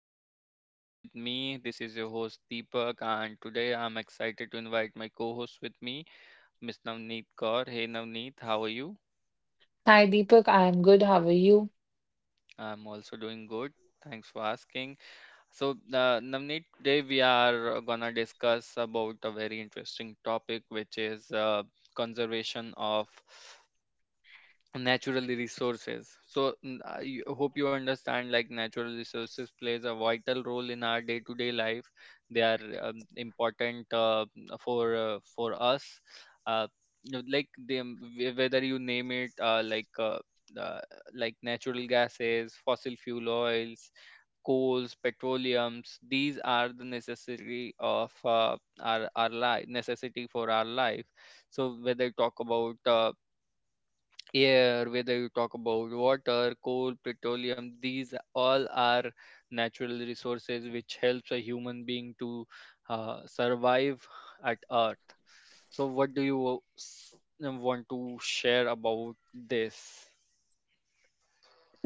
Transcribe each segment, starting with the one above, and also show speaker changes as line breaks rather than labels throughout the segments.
channel Vibe with me. This is your host Deepak, and today I'm excited to invite my co-host with me, Miss Navneet Kaur. Hey Navneet, how are you?
Hi Deepak, I am good. How are you?
I'm also doing good. Thanks for asking. So, Navneet, today we are gonna discuss about a very interesting topic, which is conservation of natural resources. So, I hope you understand, like, natural resources plays a vital role in our day to day life. They are important for for us. uh, like, the, whether you name it, uh, like natural gases, fossil fuel, oils, coals, petroleums, these are the necessary of, our life, necessity for our life. So, whether talk about air, whether you talk about water, coal, petroleum, these all are natural resources which helps a human being to survive at Earth. So, what do you want to share about this?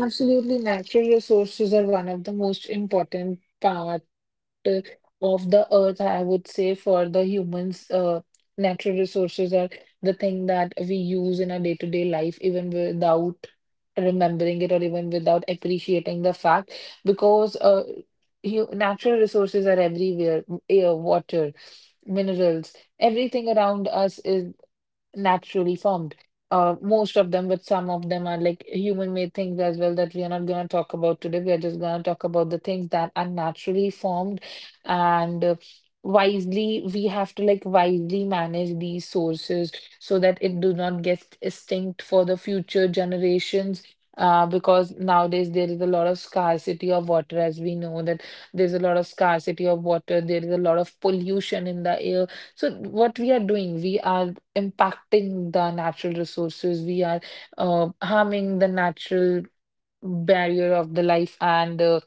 Absolutely, natural resources are one of the most important part uh, of the earth, I would say, for the humans. Natural resources are the thing that we use in our day-to-day life, even without remembering it or even without appreciating the fact, because natural resources are everywhere. Air, water, minerals, everything around us is naturally formed. Most of them, but some of them are like human-made things as well that we are not going to talk about today. We are just going to talk about the things that are naturally formed, and wisely we have to like wisely manage these sources so that it do not get extinct for the future generations. Because nowadays there is a lot of scarcity of water, as we know that there's a lot of scarcity of water. There is a lot of pollution in the air. So what we are doing, we are impacting the natural resources. We are harming the natural barrier of the life and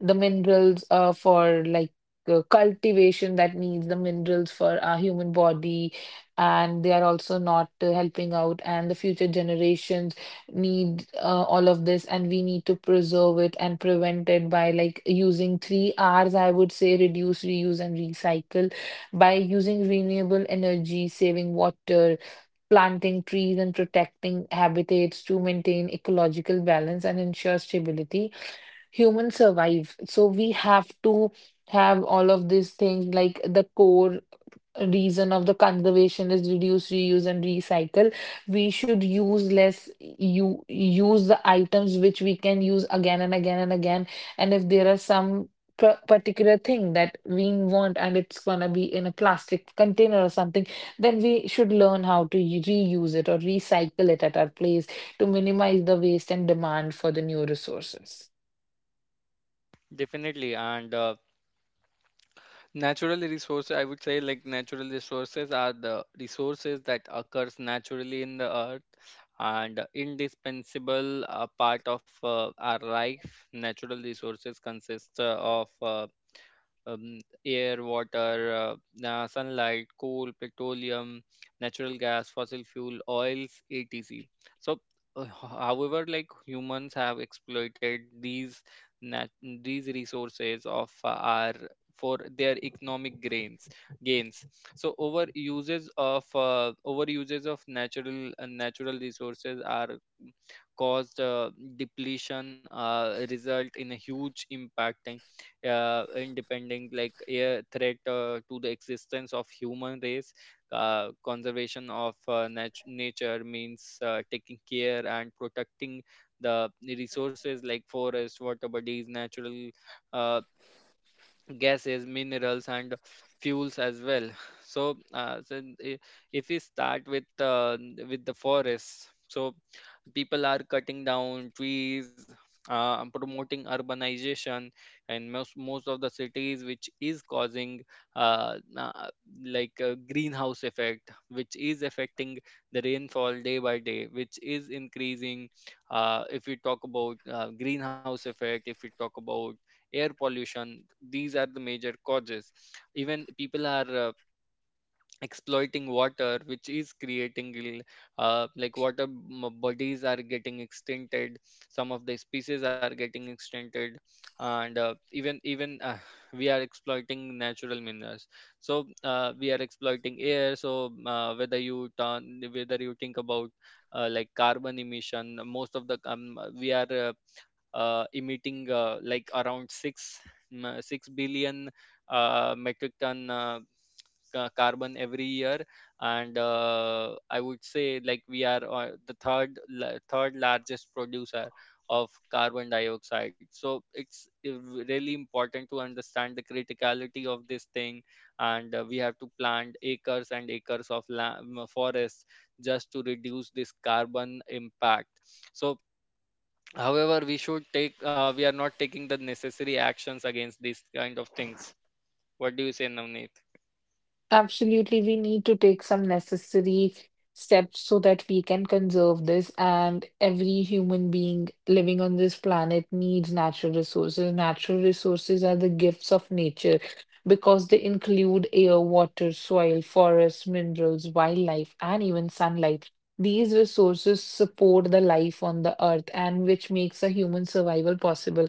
the minerals for like cultivation that needs the minerals for our human body. And they are also not helping out, and the future generations need all of this, and we need to preserve it and prevent it by like using three R's, I would say reduce, reuse, and recycle by using renewable energy, saving water, planting trees and protecting habitats to maintain ecological balance and ensure stability, humans survive. So we have to have all of these things like the core reason of the conservation is reduce, reuse, and recycle. We should use less, you use the items which we can use again and again and again. And if there are some particular thing that we want and it's gonna be in a plastic container or something, then we should learn how to reuse it or recycle it at our place to minimize the waste and demand for the new resources.
Definitely, and natural resources, I would say, like, natural resources are the resources that occurs naturally in the earth and indispensable part of our life. Natural resources consist of um, air, water, sunlight, coal, petroleum, natural gas, fossil fuel, oils, etc. So, however, like, humans have exploited these these resources of, our, for their economic gains. So over uses of, natural, natural resources are caused, depletion, result in a huge impact, independent, like a threat to the existence of human race. Conservation of, nature means taking care and protecting the resources like forest, water bodies, natural, uh, gases, minerals, and fuels as well. So, if we start with, with the forest. So people are cutting down trees, promoting urbanization and most of the cities, which is causing, uh, na- like a greenhouse effect, which is affecting the rainfall day by day, which is increasing. If we talk about, greenhouse effect, if we talk about air pollution, these are the major causes. Even people are, exploiting water, which is creating, like, water, bodies are getting extincted. Some of the species are getting extincted, and, even we are exploiting natural minerals. So, we are exploiting air. So, whether you think about, like, carbon emission. Most of the We are emitting, like, around 6 billion metric ton, carbon every year. And, I would say, like, we are, the third largest producer of carbon dioxide. So it's, really important to understand the criticality of this thing. And, we have to plant acres and acres of, forests, just to reduce this carbon impact. So, however, we should take we are not taking the necessary actions against these kind of things. What do you say, Navneet?
Absolutely, we need to take some necessary steps so that we can conserve this. And every human being living on this planet needs natural resources. Natural resources are the gifts of nature because they include air, water, soil, forests, minerals, wildlife, and even sunlight. These resources support the life on the earth and which makes a human survival possible.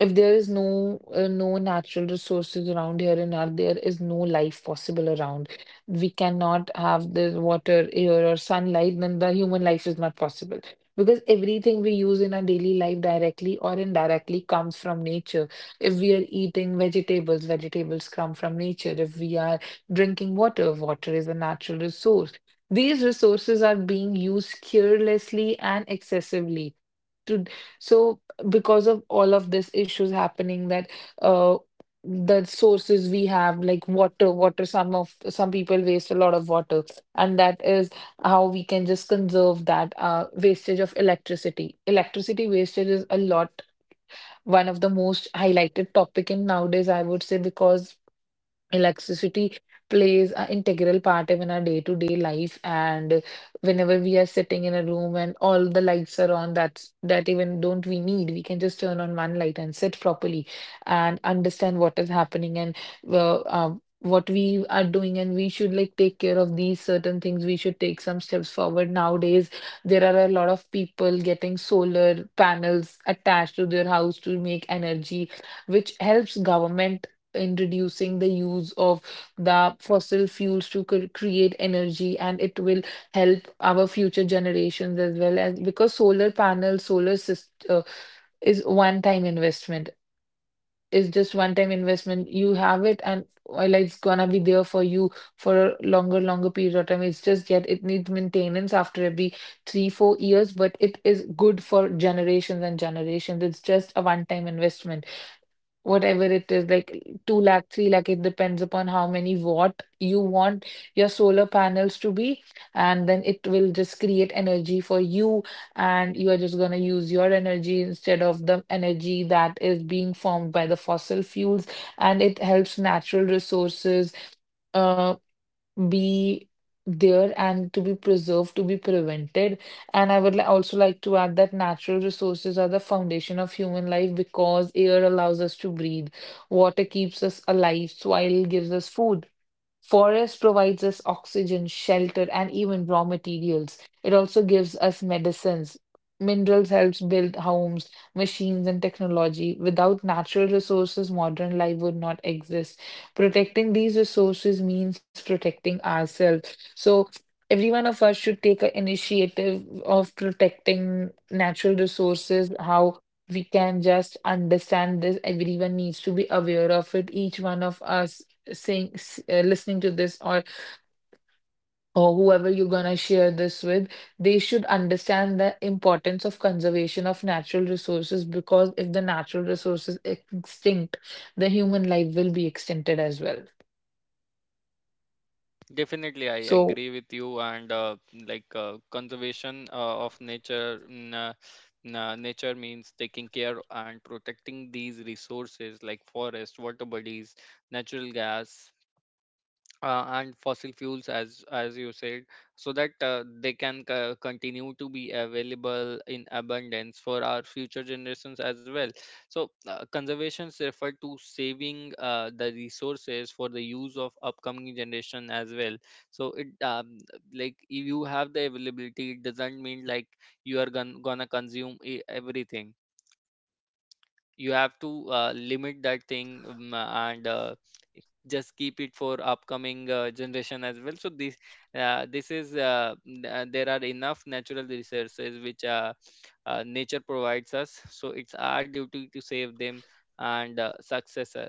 If there is no natural resources around here and out there is no life possible around. We cannot have the water, air, or sunlight, then the human life is not possible. Because everything we use in our daily life directly or indirectly comes from nature. If we are eating vegetables, vegetables come from nature. If we are drinking water, water is a natural resource. These resources are being used carelessly and excessively to so because of all of this issues happening that uh the sources we have like water, some people waste a lot of water, and that is how we can just conserve that wastage of electricity. Electricity wastage is a lot, one of the most highlighted topic in nowadays, I would say, because electricity plays an integral part in our day-to-day life, and whenever we are sitting in a room and all the lights are on, that's that even don't we need? We can just turn on one light and sit properly and understand what is happening and well, what we are doing, and we should like take care of these certain things. We should take some steps forward. Nowadays, there are a lot of people getting solar panels attached to their house to make energy, which helps government in reducing the use of the fossil fuels to create energy, and it will help our future generations as well as because solar panels, solar system is one time investment. It's just one time investment, you have it, and well, it's gonna be there for you for a longer period of time. It's just yet it needs maintenance after every 3-4 years, but it is good for generations and generations. It's just a one time investment, whatever it is, like 2 lakh, 3 lakh, it depends upon how many watt you want your solar panels to be. And then it will just create energy for you, and you are just going to use your energy instead of the energy that is being formed by the fossil fuels. And it helps natural resources uh, be there and to be preserved, to be prevented. And I would also like to add that natural resources are the foundation of human life because air allows us to breathe, water keeps us alive, soil gives us food, forest provides us oxygen, shelter, and even raw materials. It also gives us medicines. Minerals helps build homes, machines, and technology. Without natural resources, modern life would not exist. Protecting these resources means protecting ourselves. So every one of us should take an initiative of protecting natural resources. How we can just understand this? Everyone needs to be aware of it. Each one of us saying listening to this, or whoever you're gonna share this with, they should understand the importance of conservation of natural resources, because if the natural resources extinct, the human life will be extincted as well.
Definitely, I
So.
agree with you. And, like, conservation of nature, nature means taking care and protecting these resources like forest, water bodies, natural gas, and fossil fuels, as you said, so that, they can, continue to be available in abundance for our future generations as well. So, conservations refer to saving the resources for the use of upcoming generation as well. So it, like, if you have the availability, it doesn't mean like you are, gonna consume, everything. You have to, limit that thing, and, just keep it for upcoming, generation as well. So this, there are enough natural resources which, nature provides us. So it's our duty to save them, and, successor,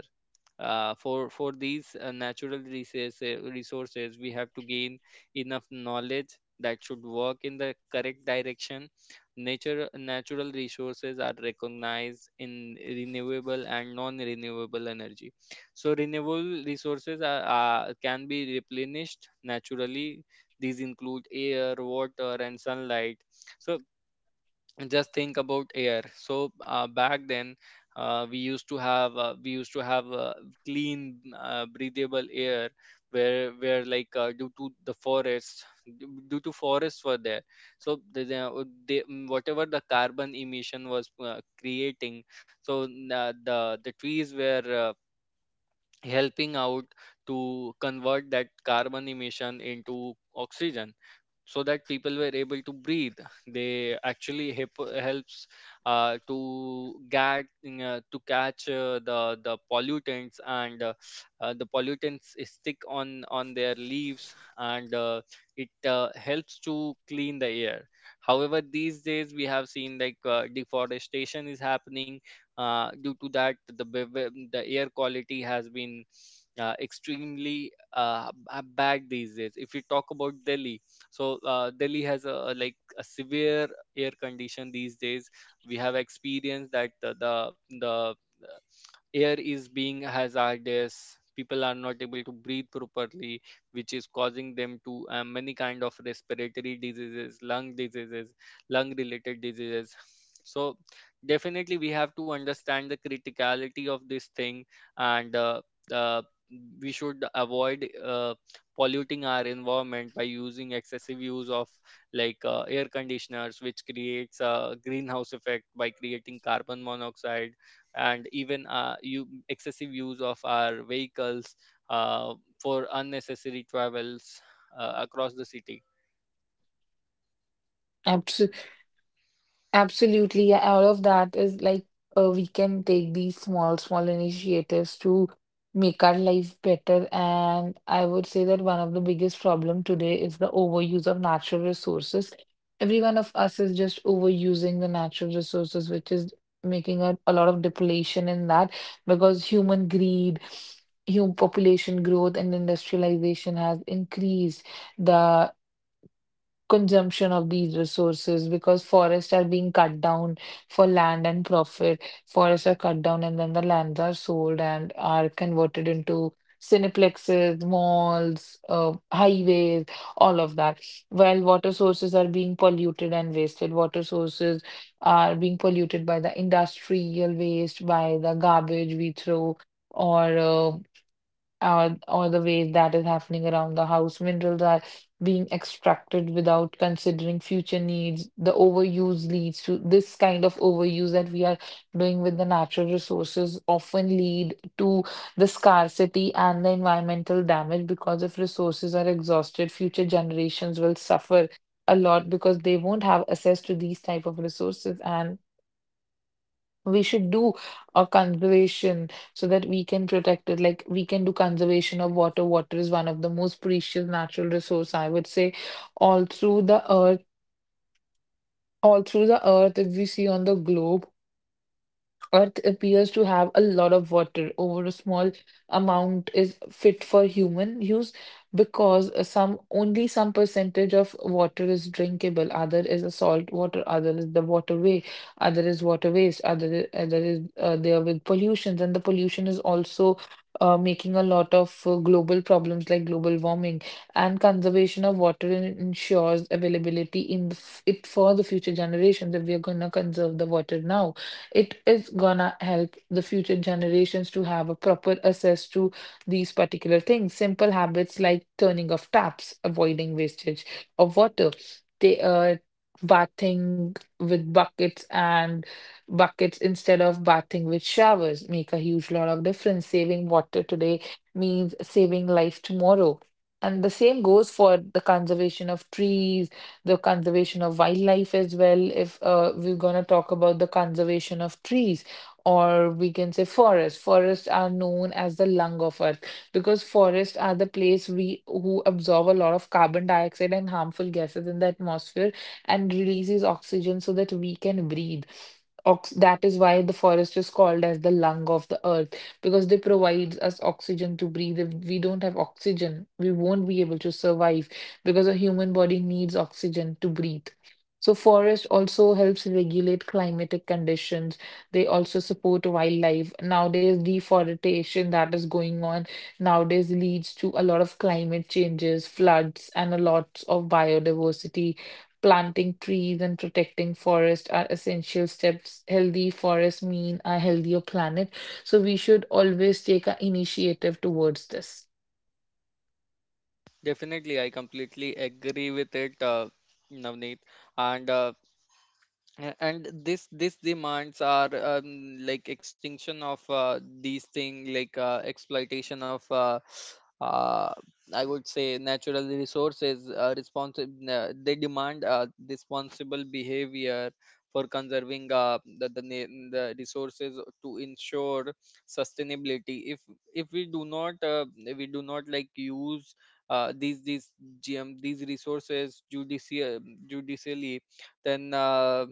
for, these, natural resources, we have to gain enough knowledge that should work in the correct direction. Nature natural resources are recognized in renewable and non renewable energy. So renewable resources can be replenished naturally. These include air, water, and sunlight. So just think about air. So, back then, we used to have, clean, breathable air, where, like, due to the forests, due due to forests were there. So whatever the carbon emission was, creating, so, the trees were helping out to convert that carbon emission into oxygen, so that people were able to breathe. They actually helps, to get, to catch, the pollutants, and, the pollutants is stick on their leaves, and, it, helps to clean the air. However, these days we have seen, like, deforestation is happening, due to that, the air quality has been, extremely, bad these days. If we talk about Delhi, so, Delhi has a severe air condition these days. We have experienced that the, the air is being hazardous. People are not able to breathe properly, which is causing them to, many kind of respiratory diseases, lung related diseases. So definitely we have to understand the criticality of this thing, and, uh, we should avoid, polluting our environment by using excessive use of, like, air conditioners, which creates a greenhouse effect by creating carbon monoxide, and even, you excessive use of our vehicles, uh, for unnecessary travels, across the city.
Absolutely. Absolutely, yeah, all of that is like, we can take these small, small initiatives to make our life better. And I would say that one of the biggest problem today is the overuse of natural resources. Every one of us is just overusing the natural resources, which is making a lot of depletion in that, because human greed, human population growth, and industrialization has increased the consumption of these resources, because forests are being cut down for land and profit. Forests are cut down and then the lands are sold and are converted into cineplexes, malls, highways, all of that. While water sources are being polluted and wasted, water sources are being polluted by the industrial waste, by the garbage we throw. Or uh, or the way that is happening around the house. Minerals are being extracted without considering future needs. The overuse leads to this kind of overuse that we are doing with the natural resources often lead to the scarcity and the environmental damage, because if resources are exhausted, future generations will suffer a lot, because they won't have access to these type of resources, and we should do a conservation so that we can protect it. Like, we can do conservation of water. Water is one of the most precious natural resource, I would say, all through the earth, all through the earth, if we see on the globe. Earth appears to have a lot of water. Over a small amount is fit for human use, because some only some percentage of water is drinkable. Other is a salt water. Other is the waterway. Other is water waste. Other other is there with pollutions, and the pollution is also making a lot of global problems like global warming, and conservation of water ensures availability in the f it for the future generations. If we are gonna conserve the water now, it is gonna help the future generations to have a proper access to these particular things. Simple habits like turning off taps, avoiding wastage of water, they bathing with buckets and buckets instead of bathing with showers make a huge lot of difference. Saving water today means saving life tomorrow. And the same goes for the conservation of trees, the conservation of wildlife as well. If we're going to talk about the conservation of trees, or we can say forests. Forests are known as the lung of Earth because forests are the place we who absorb a lot of carbon dioxide and harmful gases in the atmosphere and releases oxygen so that we can breathe. Ox That is why the forest is called as the lung of the earth, because they provides us oxygen to breathe. If we don't have oxygen, we won't be able to survive, because a human body needs oxygen to breathe. So forest also helps regulate climatic conditions. They also support wildlife. Nowadays, deforestation that is going on nowadays leads to a lot of climate changes, floods, and a lot of biodiversity. Planting trees and protecting forest are essential steps. Healthy forests mean a healthier planet. So we should always take an initiative towards this.
Definitely, I completely agree with it, Navneet. And, this demands are, like, extinction of, these thing, like, exploitation of, uh, I would say, natural resources, responsible, they demand, responsible behavior for conserving, the resources to ensure sustainability. If we do not, use, these GM these resources, judicially, then, uh,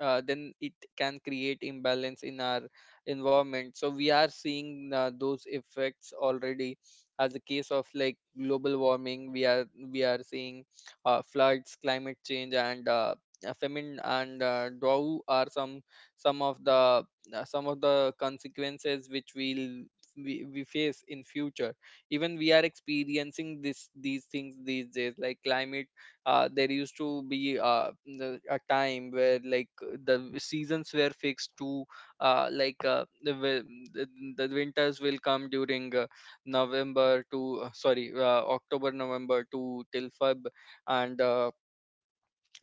uh, then it can create imbalance in our environment. So we are seeing, those effects already, as a case of, like, global warming. We are seeing, floods, climate change, and, famine, and, drought, are some, some of the some of the consequences which we face in future. Even we are experiencing this these things these days, like, climate there used to be, a time where, like, the seasons were fixed to, like, the, wi- the the winters will come during, November to, sorry, October, November to till Feb, and,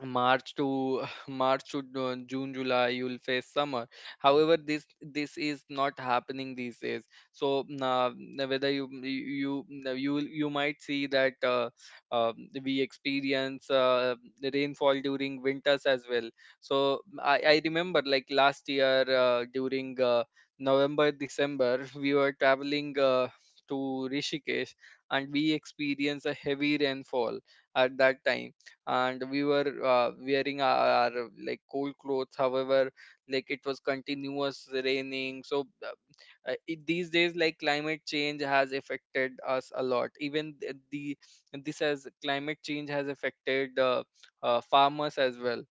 March to March to, June, July, you'll face summer. However, this is not happening these days. So, whether you might see that, uh, we experience, the rainfall during winters as well. So I remember, like, last year, during, November December, we were traveling, to Rishikesh, and we experienced a heavy rainfall at that time, and we were, wearing our, like, cold clothes. However, like, it was continuous raining. So, these days, like, climate change has affected us a lot. Even, th- the this has climate change has affected, farmers as well.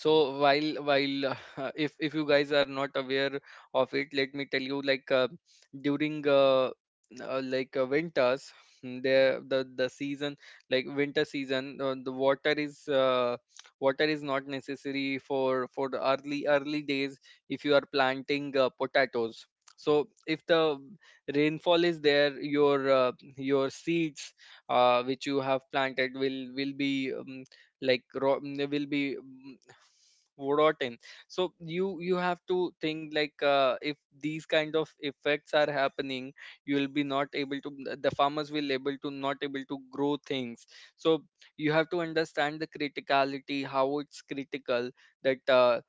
So while if you guys are not aware of it, let me tell you, like, during, like, winters, the season, like winter season, the water is not necessary for the early days. If you are planting, potatoes, so if the rainfall is there, your seeds, which you have planted will be like ro- will be mm, rotten. So you have to think, like, if these kind of effects are happening, you will be not able to the farmers will able to not able to grow things. So you have to understand the criticality, how it's critical that,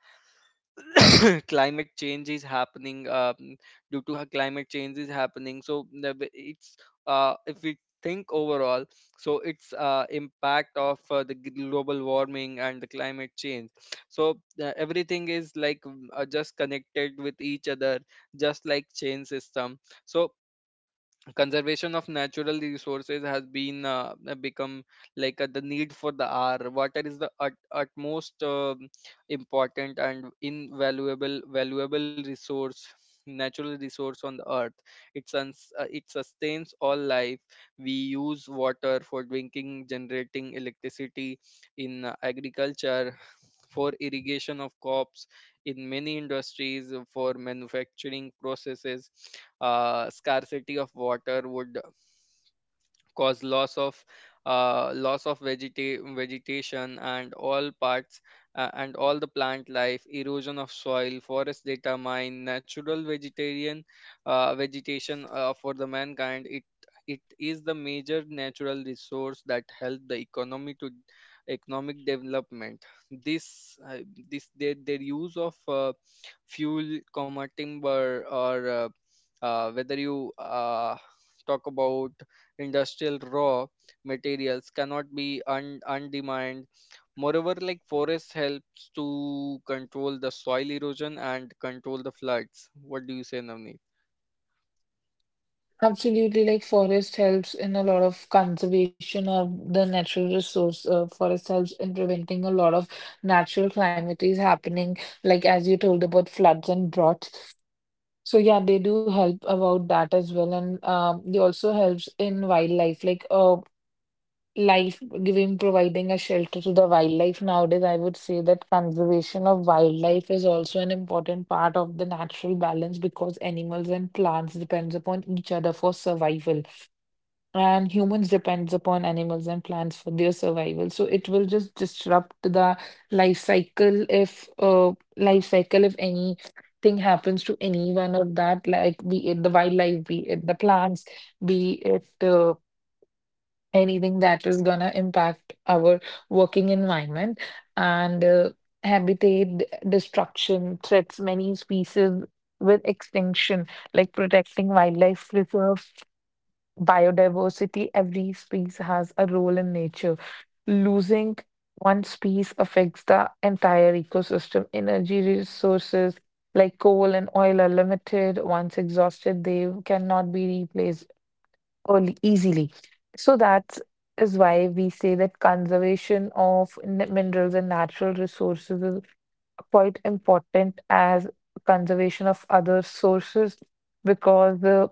climate change is happening, due to, how climate change is happening. So the b- it's if we think overall, so it's, impact of, the global warming and the climate change. So, everything is, like, just connected with each other, just like chain system. So conservation of natural resources has, been become, like, the need for the hour. Water is the, utmost, important and invaluable, valuable resource natural resource on the earth. It sustains all life. We use water for drinking, generating electricity, in, agriculture, for irrigation of crops, in many industries, for manufacturing processes. Scarcity of water would cause loss of, vegetation and all parts, and all the plant life, erosion of soil, forest data, mine natural vegetarian vegetation for the mankind it is the major natural resource that help the economy to economic development. This uh, this their, their use of fuel comma timber or whether you talk about industrial raw materials cannot be undemanded. Moreover, like forest helps to control the soil erosion and control the floods. What do you say, Navneet?
Absolutely, like forest helps in a lot of conservation of the natural resource. Forest helps in preventing a lot of natural calamities happening, like as you told about floods and droughts. So yeah, they do help about that as well, and they also helps in wildlife, like life giving, providing a shelter to the wildlife. Nowadays, I would say that conservation of wildlife is also an important part of the natural balance because animals and plants depends upon each other for survival, and humans depends upon animals and plants for their survival, so it will just disrupt the life cycle if uh life cycle if anything happens to any one of that, like be it the wildlife, be it the plants, be it anything that is gonna impact our working environment, and habitat destruction threats many species with extinction, like protecting wildlife reserves, biodiversity, every species has a role in nature. Losing one species affects the entire ecosystem. Energy resources like coal and oil are limited. Once exhausted, they cannot be replaced easily. So that is why we say that conservation of minerals and natural resources is quite important as conservation of other sources because the.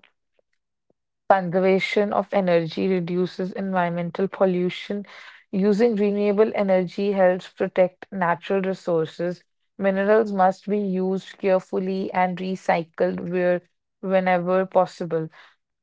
Conservation of energy reduces environmental pollution. Using renewable energy helps protect natural resources. Minerals must be used carefully and recycled where whenever possible.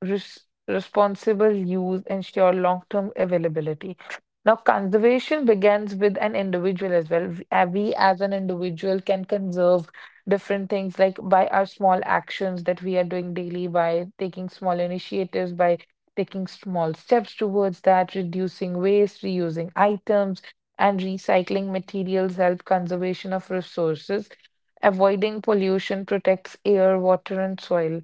res Responsible use ensure long-term availability. Now, conservation begins with an individual as well. We as an individual can conserve different things, like by our small actions that we are doing daily, by taking small initiatives, by taking small steps towards that, reducing waste, reusing items, and recycling materials help conservation of resources. Avoiding pollution protects air, water, and soil.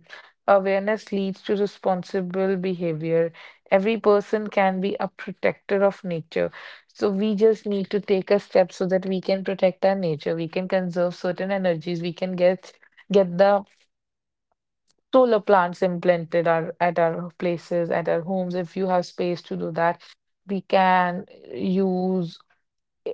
Awareness leads to responsible behavior. Every person can be a protector of nature. So we just need to take a step so that we can protect our nature. We can conserve certain energies. We can get the solar plants implanted at our places, at our homes. If you have space to do that, we can use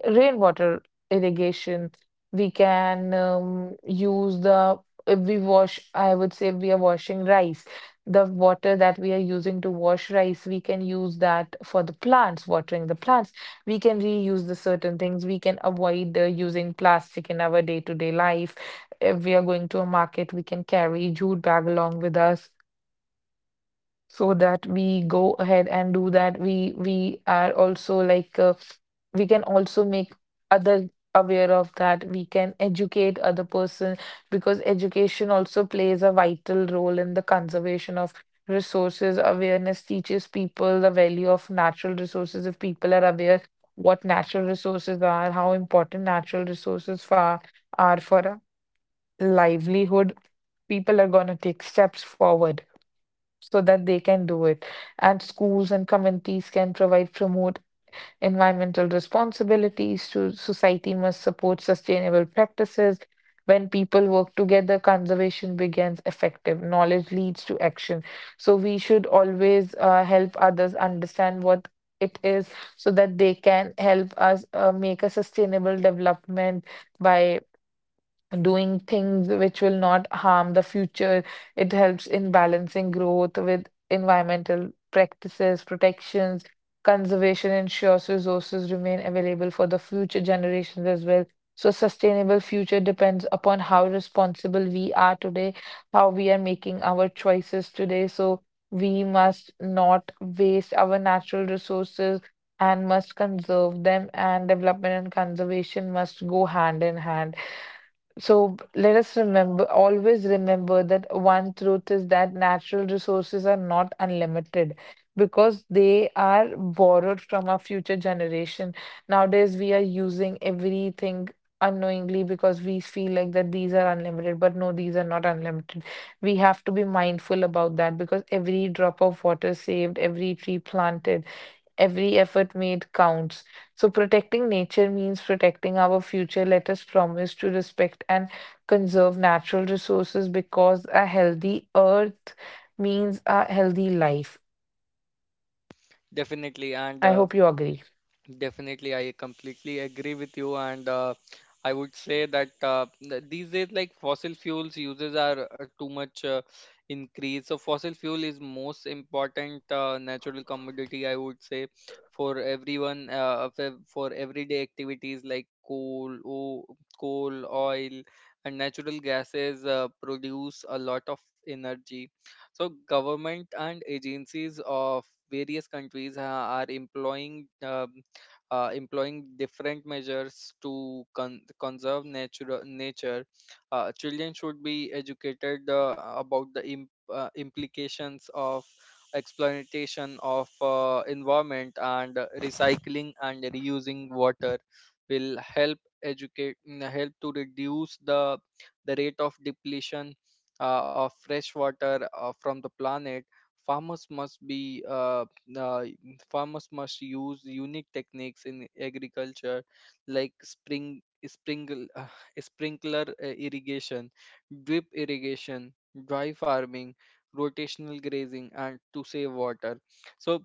rainwater irrigation. We can use the, if we wash, I would say we are washing rice. The water that we are using to wash rice, we can use that for the plants, watering the plants. We can reuse the certain things. We can avoid using plastic in our day-to-day life. If we are going to a market, we can carry jute bag along with us so that we go ahead and do that. We are also we can also make other aware of that. We can educate other person because education also plays a vital role in the conservation of resources. Awareness teaches people the value of natural resources. If people are aware what natural resources are, how important natural resources are for a livelihood, people are going to take steps forward so that they can do it. And schools and communities can provide promote environmental responsibilities to society, must support sustainable practices. When people work together, conservation begins effective. Knowledge leads to action. So we should always help others understand what it is so that they can help us make a sustainable development by doing things which will not harm the future. It helps in balancing growth with environmental practices, protections. Conservation ensures resources remain available for the future generations as well. So sustainable future depends upon how responsible we are today, how we are making our choices today. So we must not waste our natural resources and must conserve them, and development and conservation must go hand in hand. So let us remember, always remember that one truth is that natural resources are not unlimited because they are borrowed from our future generation. Nowadays, we are using everything unknowingly because we feel like that these are unlimited, but no, these are not unlimited. We have to be mindful about that because every drop of water saved, every tree planted, every effort made counts. So, protecting nature means protecting our future. Let us promise to respect and conserve natural resources because a healthy earth means a healthy life.
Definitely, and
I hope you agree.
definitely, I completely agree with you, and I would say that these days, like fossil fuels uses are too much increased. So fossil fuel is most important natural commodity, I would say, for everyone of for everyday activities like coal, oil, and natural gases produce a lot of energy. So government and agencies of various countries are employing different measures to conserve nature. Children should be educated about the implications of exploitation of environment, and recycling and reusing water will help to reduce the rate of depletion of fresh water from the planet. Farmers must uh, use unique techniques in agriculture, like spring sprinkle sprinkler irrigation, drip irrigation, dry farming, rotational grazing, and to save water. So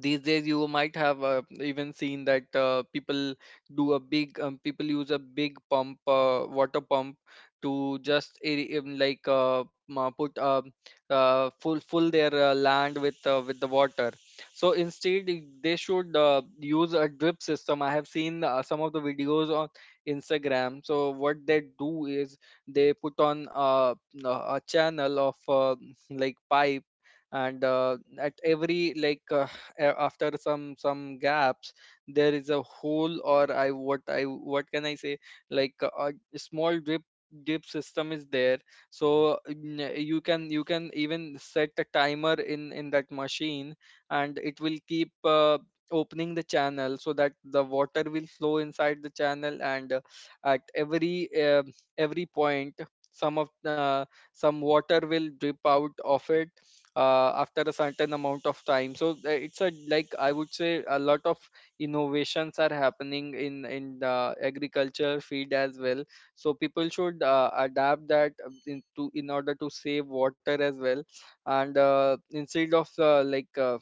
these days you might have even seen that people use a big pump water pump to just aer- like ma- put full full their land with the water. So instead, they should use a drip system. I have seen some of the videos on Instagram. So what they do is they put on a a channel of like pipe, and at every after some gaps, there is a hole, or I what can I say, like a small drip system is there. So you can, you can even set a timer in that machine, and it will keep opening the channel so that the water will flow inside the channel, and at every point some of some water will drip out of it after a certain amount of time. So it's a, like I would say, a lot of innovations are happening in the agriculture field as well. So people should adapt that in order to save water as well, and instead of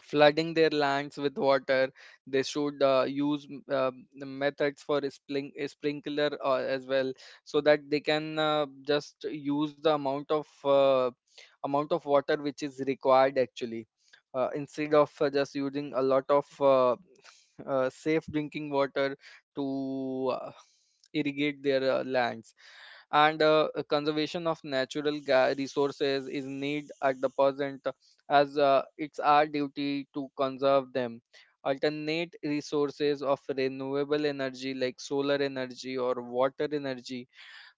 flooding their lands with water. They should use the methods for sprinkler as well, so that they can just use the amount of water which is required actually, instead of just using a lot of safe drinking water to irrigate their lands. And conservation of natural resources is need at the present, as it's our duty to conserve them. Alternate resources of renewable energy like solar energy or water energy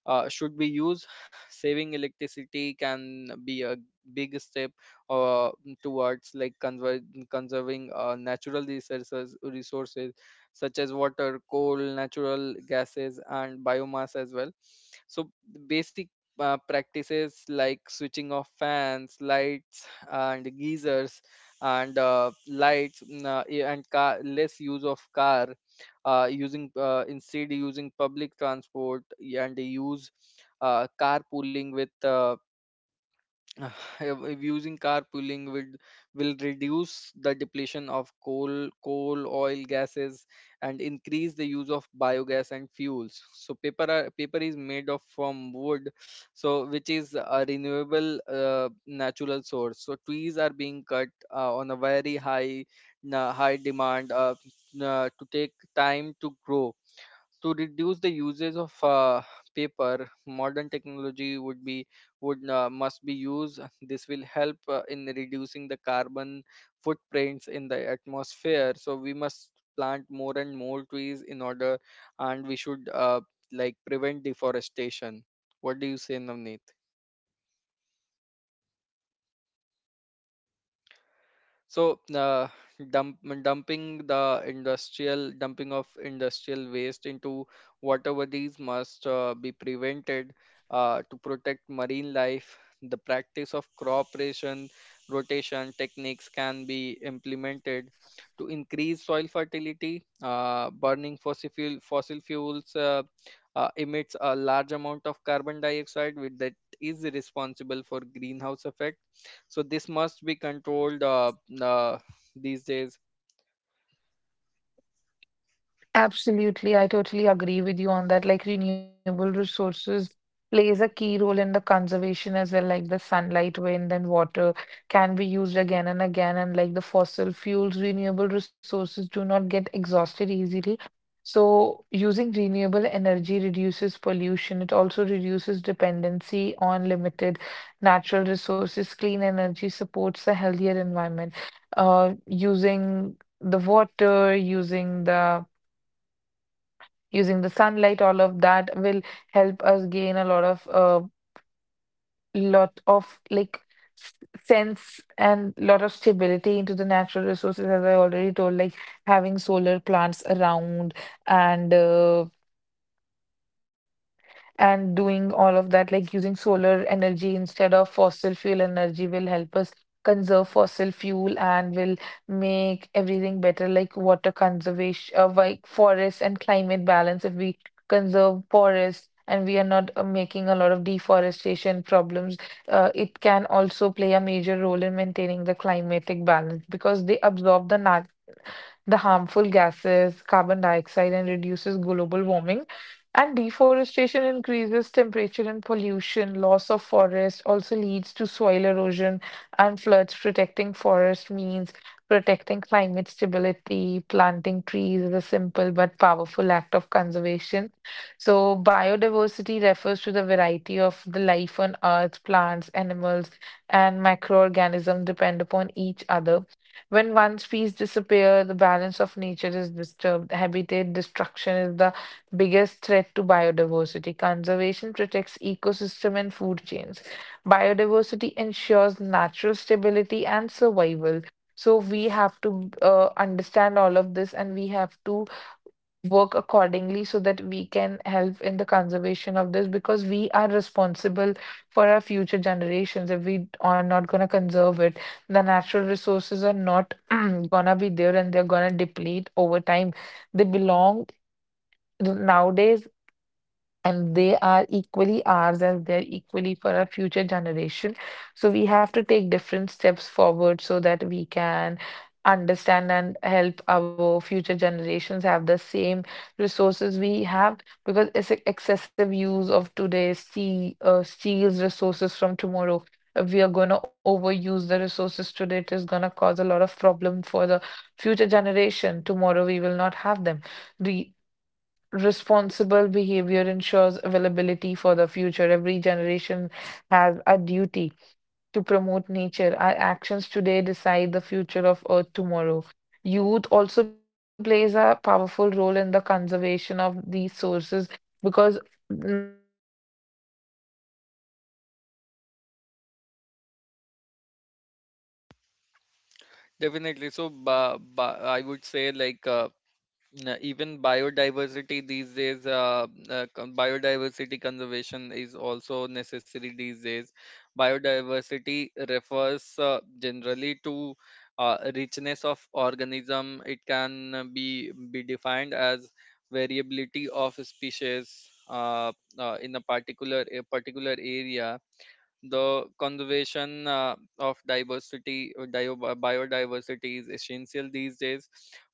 should be used. Saving electricity can be a big step uh, towards like conserving natural resources such as water, coal, natural gases, and biomass as well. So basic practices like switching off fans, lights, and geysers, and yeah, less use of car, using instead using public transport and they use carpooling with if using carpooling will reduce the depletion of coal, oil, gases, and increase the use of biogas and fuels. So paper is made of from wood, so which is a renewable natural source. So trees are being cut on a very high demand. To take time to grow, to reduce the uses of paper, modern technology would be would must be used. This will help in reducing the carbon footprints in the atmosphere. So we must plant more and more trees in order, and we should like prevent deforestation. What do you say, Navneet? So,
Uh,
dumping of
absolutely
industrial waste into water bodies must be prevented to protect marine life. The practice of crop ration rotation techniques can be implemented to increase soil fertility. Burning fossil fuels emits a large amount of carbon dioxide, which that is responsible for greenhouse effect. So this must be controlled. Uh, these days,
Absolutely, I totally agree with you on that. Like renewable resources plays a key role in the conservation as well, like the sunlight, wind, and water can be used again and again, and like the fossil fuels, renewable resources do not get exhausted easily. So using renewable energy reduces pollution. It also reduces dependency on limited natural resources. Clean energy supports a healthier environment. Using the water, using the sunlight, all of that will help us gain a lot of like sense and lot of stability into the natural resources, as I already told, like having solar plants around and and doing all of that, like using solar energy instead of fossil fuel energy, will help us conserve fossil fuel and will make everything better, like water conservation, like forest and climate balance. If we conserve forests and we are not making a lot of deforestation problems, it can also play a major role in maintaining the climatic balance because they absorb the harmful gases, carbon dioxide, and reduces global warming. And deforestation increases temperature and pollution. Loss of forest also leads to soil erosion and floods. Protecting forest means protecting climate stability. Planting trees is a simple but powerful act of conservation. So, biodiversity refers to the variety of the life on earth. Plants, animals, and microorganisms depend upon each other. When one species disappears, the balance of nature is disturbed. Habitat destruction is the biggest threat to biodiversity. Conservation protects ecosystem and food chains. Biodiversity ensures natural stability and survival. So we have to understand all of this, and we have to work accordingly so that we can help in the conservation of this because we are responsible for our future generations. If we are not going to conserve it, the natural resources are not going to be there and they're going to deplete over time. They belong nowadays, and they are equally ours as they're equally for our future generation. So we have to take different steps forward so that we can understand and help our future generations have the same resources we have, because excessive use of today steals resources from tomorrow. If we are going to overuse the resources today, it is going to cause a lot of problem for the future generation. Tomorrow we will not have them. Responsible behavior ensures availability for the future. Every generation has a duty to promote nature. Our actions today decide the future of Earth tomorrow. Youth also plays a powerful role in the conservation of these sources because nowadays youth is educated, they have proper knowledge about things, they are aware of that. The educated
definitely, so
youth will can help
I
us
would
to.
say like even biodiversity these days, biodiversity conservation is also necessary these days. Biodiversity refers generally to richness of organism. It can be defined as variability of species uh, in a particular area. The conservation of biodiversity is essential these days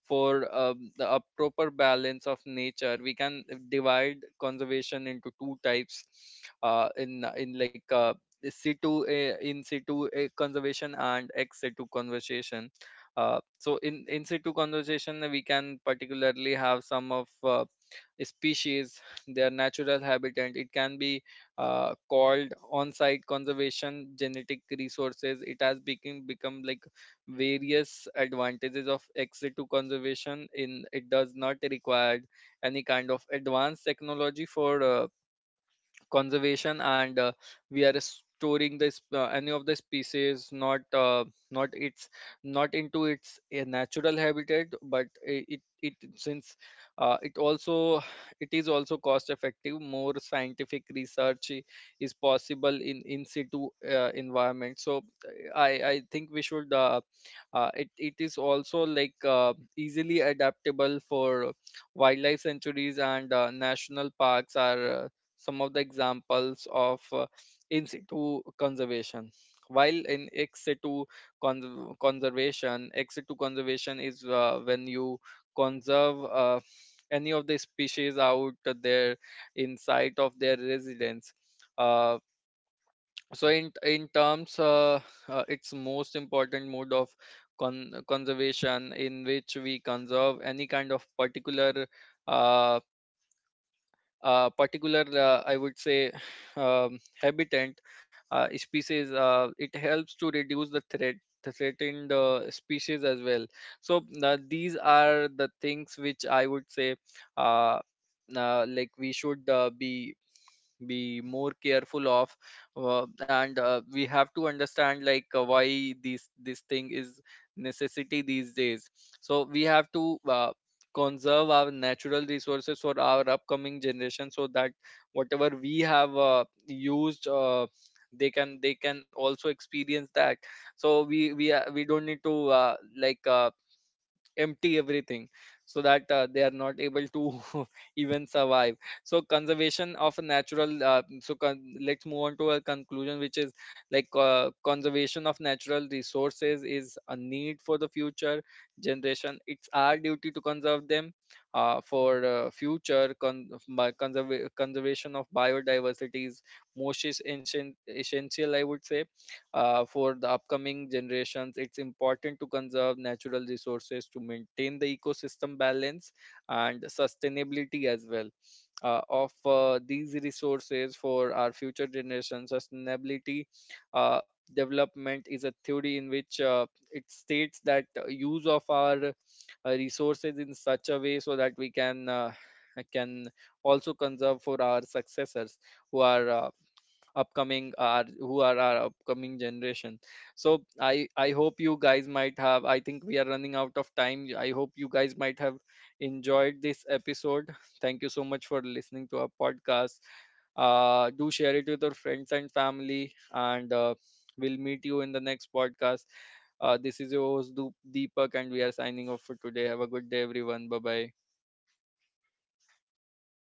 for a proper balance of
Absolutely,
nature.
like
We can
conservation of
divide
diversity
conservation into two
helps
types.
us in a
Uh,
lot of
in
ways.
in like uh, in
Young
situ
minds can
conservation
adapt
and ex
sustainable
situ
habits
conservation.
easily. The future of
So in
conservation
situ
depends upon
conservation, we
what
can
today's students
particularly have
do
some of
because they are quite
species
well
their
aware of
natural
what is
habitat. It
happening
can be
around, how we
called
can do that,
on-site
how we can
conservation
manage our
genetic
things. Like
resources. It has
the
become
one
become like
message that
various
stands
advantages of
clear
exit to
nowadays is how
conservation. In, it
conservation of
does not
natural
require
resources is not
any
an
kind of
option,
advanced
but
technology
is
for
quite essential for each
conservation,
one
and
of us,
we are
and
restoring
sustainable
this any
development
of the
protects both
species,
natural and
not
humanity.
its
Small
not into
actions
its
taken today
natural
prevent big
habitat, but
disasters tomorrow.
it since
Nature gives us
it
everything we
also,
need. It
it
is our
is also
duty to
cost effective.
protect
More
the nature,
scientific research
and it
is
helps
possible
us uh,
in situ
make a step
environment. So
for our future
I
generations
think we
so
should
that they will
it
say
it is
that
also
yes,
like
we are also
easily
able to
adaptable
experience
for
this and
wildlife
everything,
sanctuaries, and national
and
parks
it will
are some of
also
the
help
examples of
us
in
enjoy that
situ
as well now
conservation. While in
and
ex
for
situ
them as well, for the future
conservation, ex
generations
situ
as well.
conservation is
And I would
when
say
you
that natural
conserve
resources
any of
are
the
uh,
species out
quite a bit
there
essential
in
for
sight
us.
of
Like
their
renewable
residence.
energy from
Uh,
shifting from
so
finite fossil
in
fuels like
terms,
coal, oil, and gases,
its
we can
most important
shift to
mode
solar
of
energy, wind energy, and
conservation
tidal
in
power
which we
energy.
conserve
Water
any kind of
conservation, we
particular
can use a lot of
uh,
water convers conservation for harvesting of
particular, I would
rainwater,
say,
fixing leaks, and
habitat
using uh,
species. It
water
helps to reduce the
effectively in homes and
threatened
agriculture.
species
For
as well.
example, like
So
having smart
these
irrigation
are the
systems,
things which
we can
I would say
also prevent,
uh,
conserve
like
the
we
forest
should
and
uh, be
soil management by
be more
preventing
careful of,
deforestation,
and
planting
we have
trees.
to
l-
understand like uh,
Planting trees,
why
we can
this
do
this thing is
reforestation or
necessity
reforestation,
these days.
using crop
So we
rotations
have
and
to
controlling soil
conserve
erosions.
our
We can
natural resources for
also
our upcoming
control
generation,
the
so that
pollution, treating
whatever we
industry
have
industrial water,
used,
reducing
uh,
plastic
they
use,
can they can
and
also
minimizing
experience
vehicle
that.
emission,
So we don't need to
establishing natural pranks and
empty everything
parks, and
so that
enacting
they are
laws to
not able
protect
to even
spaces and
survive.
their
So
natural habitat,
conservation of a natural
biodiversity that is saying as.
let's move
So
on to
why
a
is it
conclusion, which
important?
is
Because
like,
it is important
conservation
because
of
it will
natural
ensure the
resources is a
stability of
need for the future
resources that remains
generation. It's
available for
our
our
duty to
future
conserve them
generations. It will
for
maintain an
future
ecological
con-
balance
by
and prevents
conserva- conservation of
ecosystem to collapse and
biodiversity is
maintain a healthy environment. It
essential,
helps
I
in
would
the
say,
mitigate of the
for the
climatic
upcoming
change, reduces
generations. It's
pollution and
important to
reliance on the
conserve
fossil
natural
fuels.
resources to
It will
maintain the
help human
ecosystem balance
survival
and
because hu-
sustainability as
for
well,
the survival of
of
human, the
these
main essentials
resources
are
for
clean
our
air,
future
water,
generations.
food, and overall
Sustainability
well-being that we
uh,
get from these type of
development is a
natural
theory in
resources.
which
What
it states that
practical
use
actions
of
we
our
can take, I would say that
resources
one
in
of the
such a
most
way so
practical
that we
actions
can
would be like choosing
can also
reusable
conserve for
bags
our
instead of the
successors
plastic
who
bags,
are
using reusable
upcoming are
bottles,
who are our
containers,
upcoming
using
generation.
public
So
transport
i
cycle,
i hope
or
you
we can
guys
walk
might
around
have, I
instead
think we
of
are running out
using
of
our
time, I
own
hope you guys
vehicles
might have
and all of that,
enjoyed
because
this
using public
episode. Thank
transport
you so much
reduces
for
a lot
listening to
of
our
conservation
podcast.
of fossil fuels
Do share it with your
uh,
friends and family, and
and a lot
we'll
of air
meet you in the
pollution
next
as well.
podcast.
Conserve
This is your
energies at
host,
home, like we
Deepak,
can
and we
turn
are
off
signing off for
lights, use
today. Have a
effective
good day, everyone. Bye
appliances,
bye.
support sustainability, local food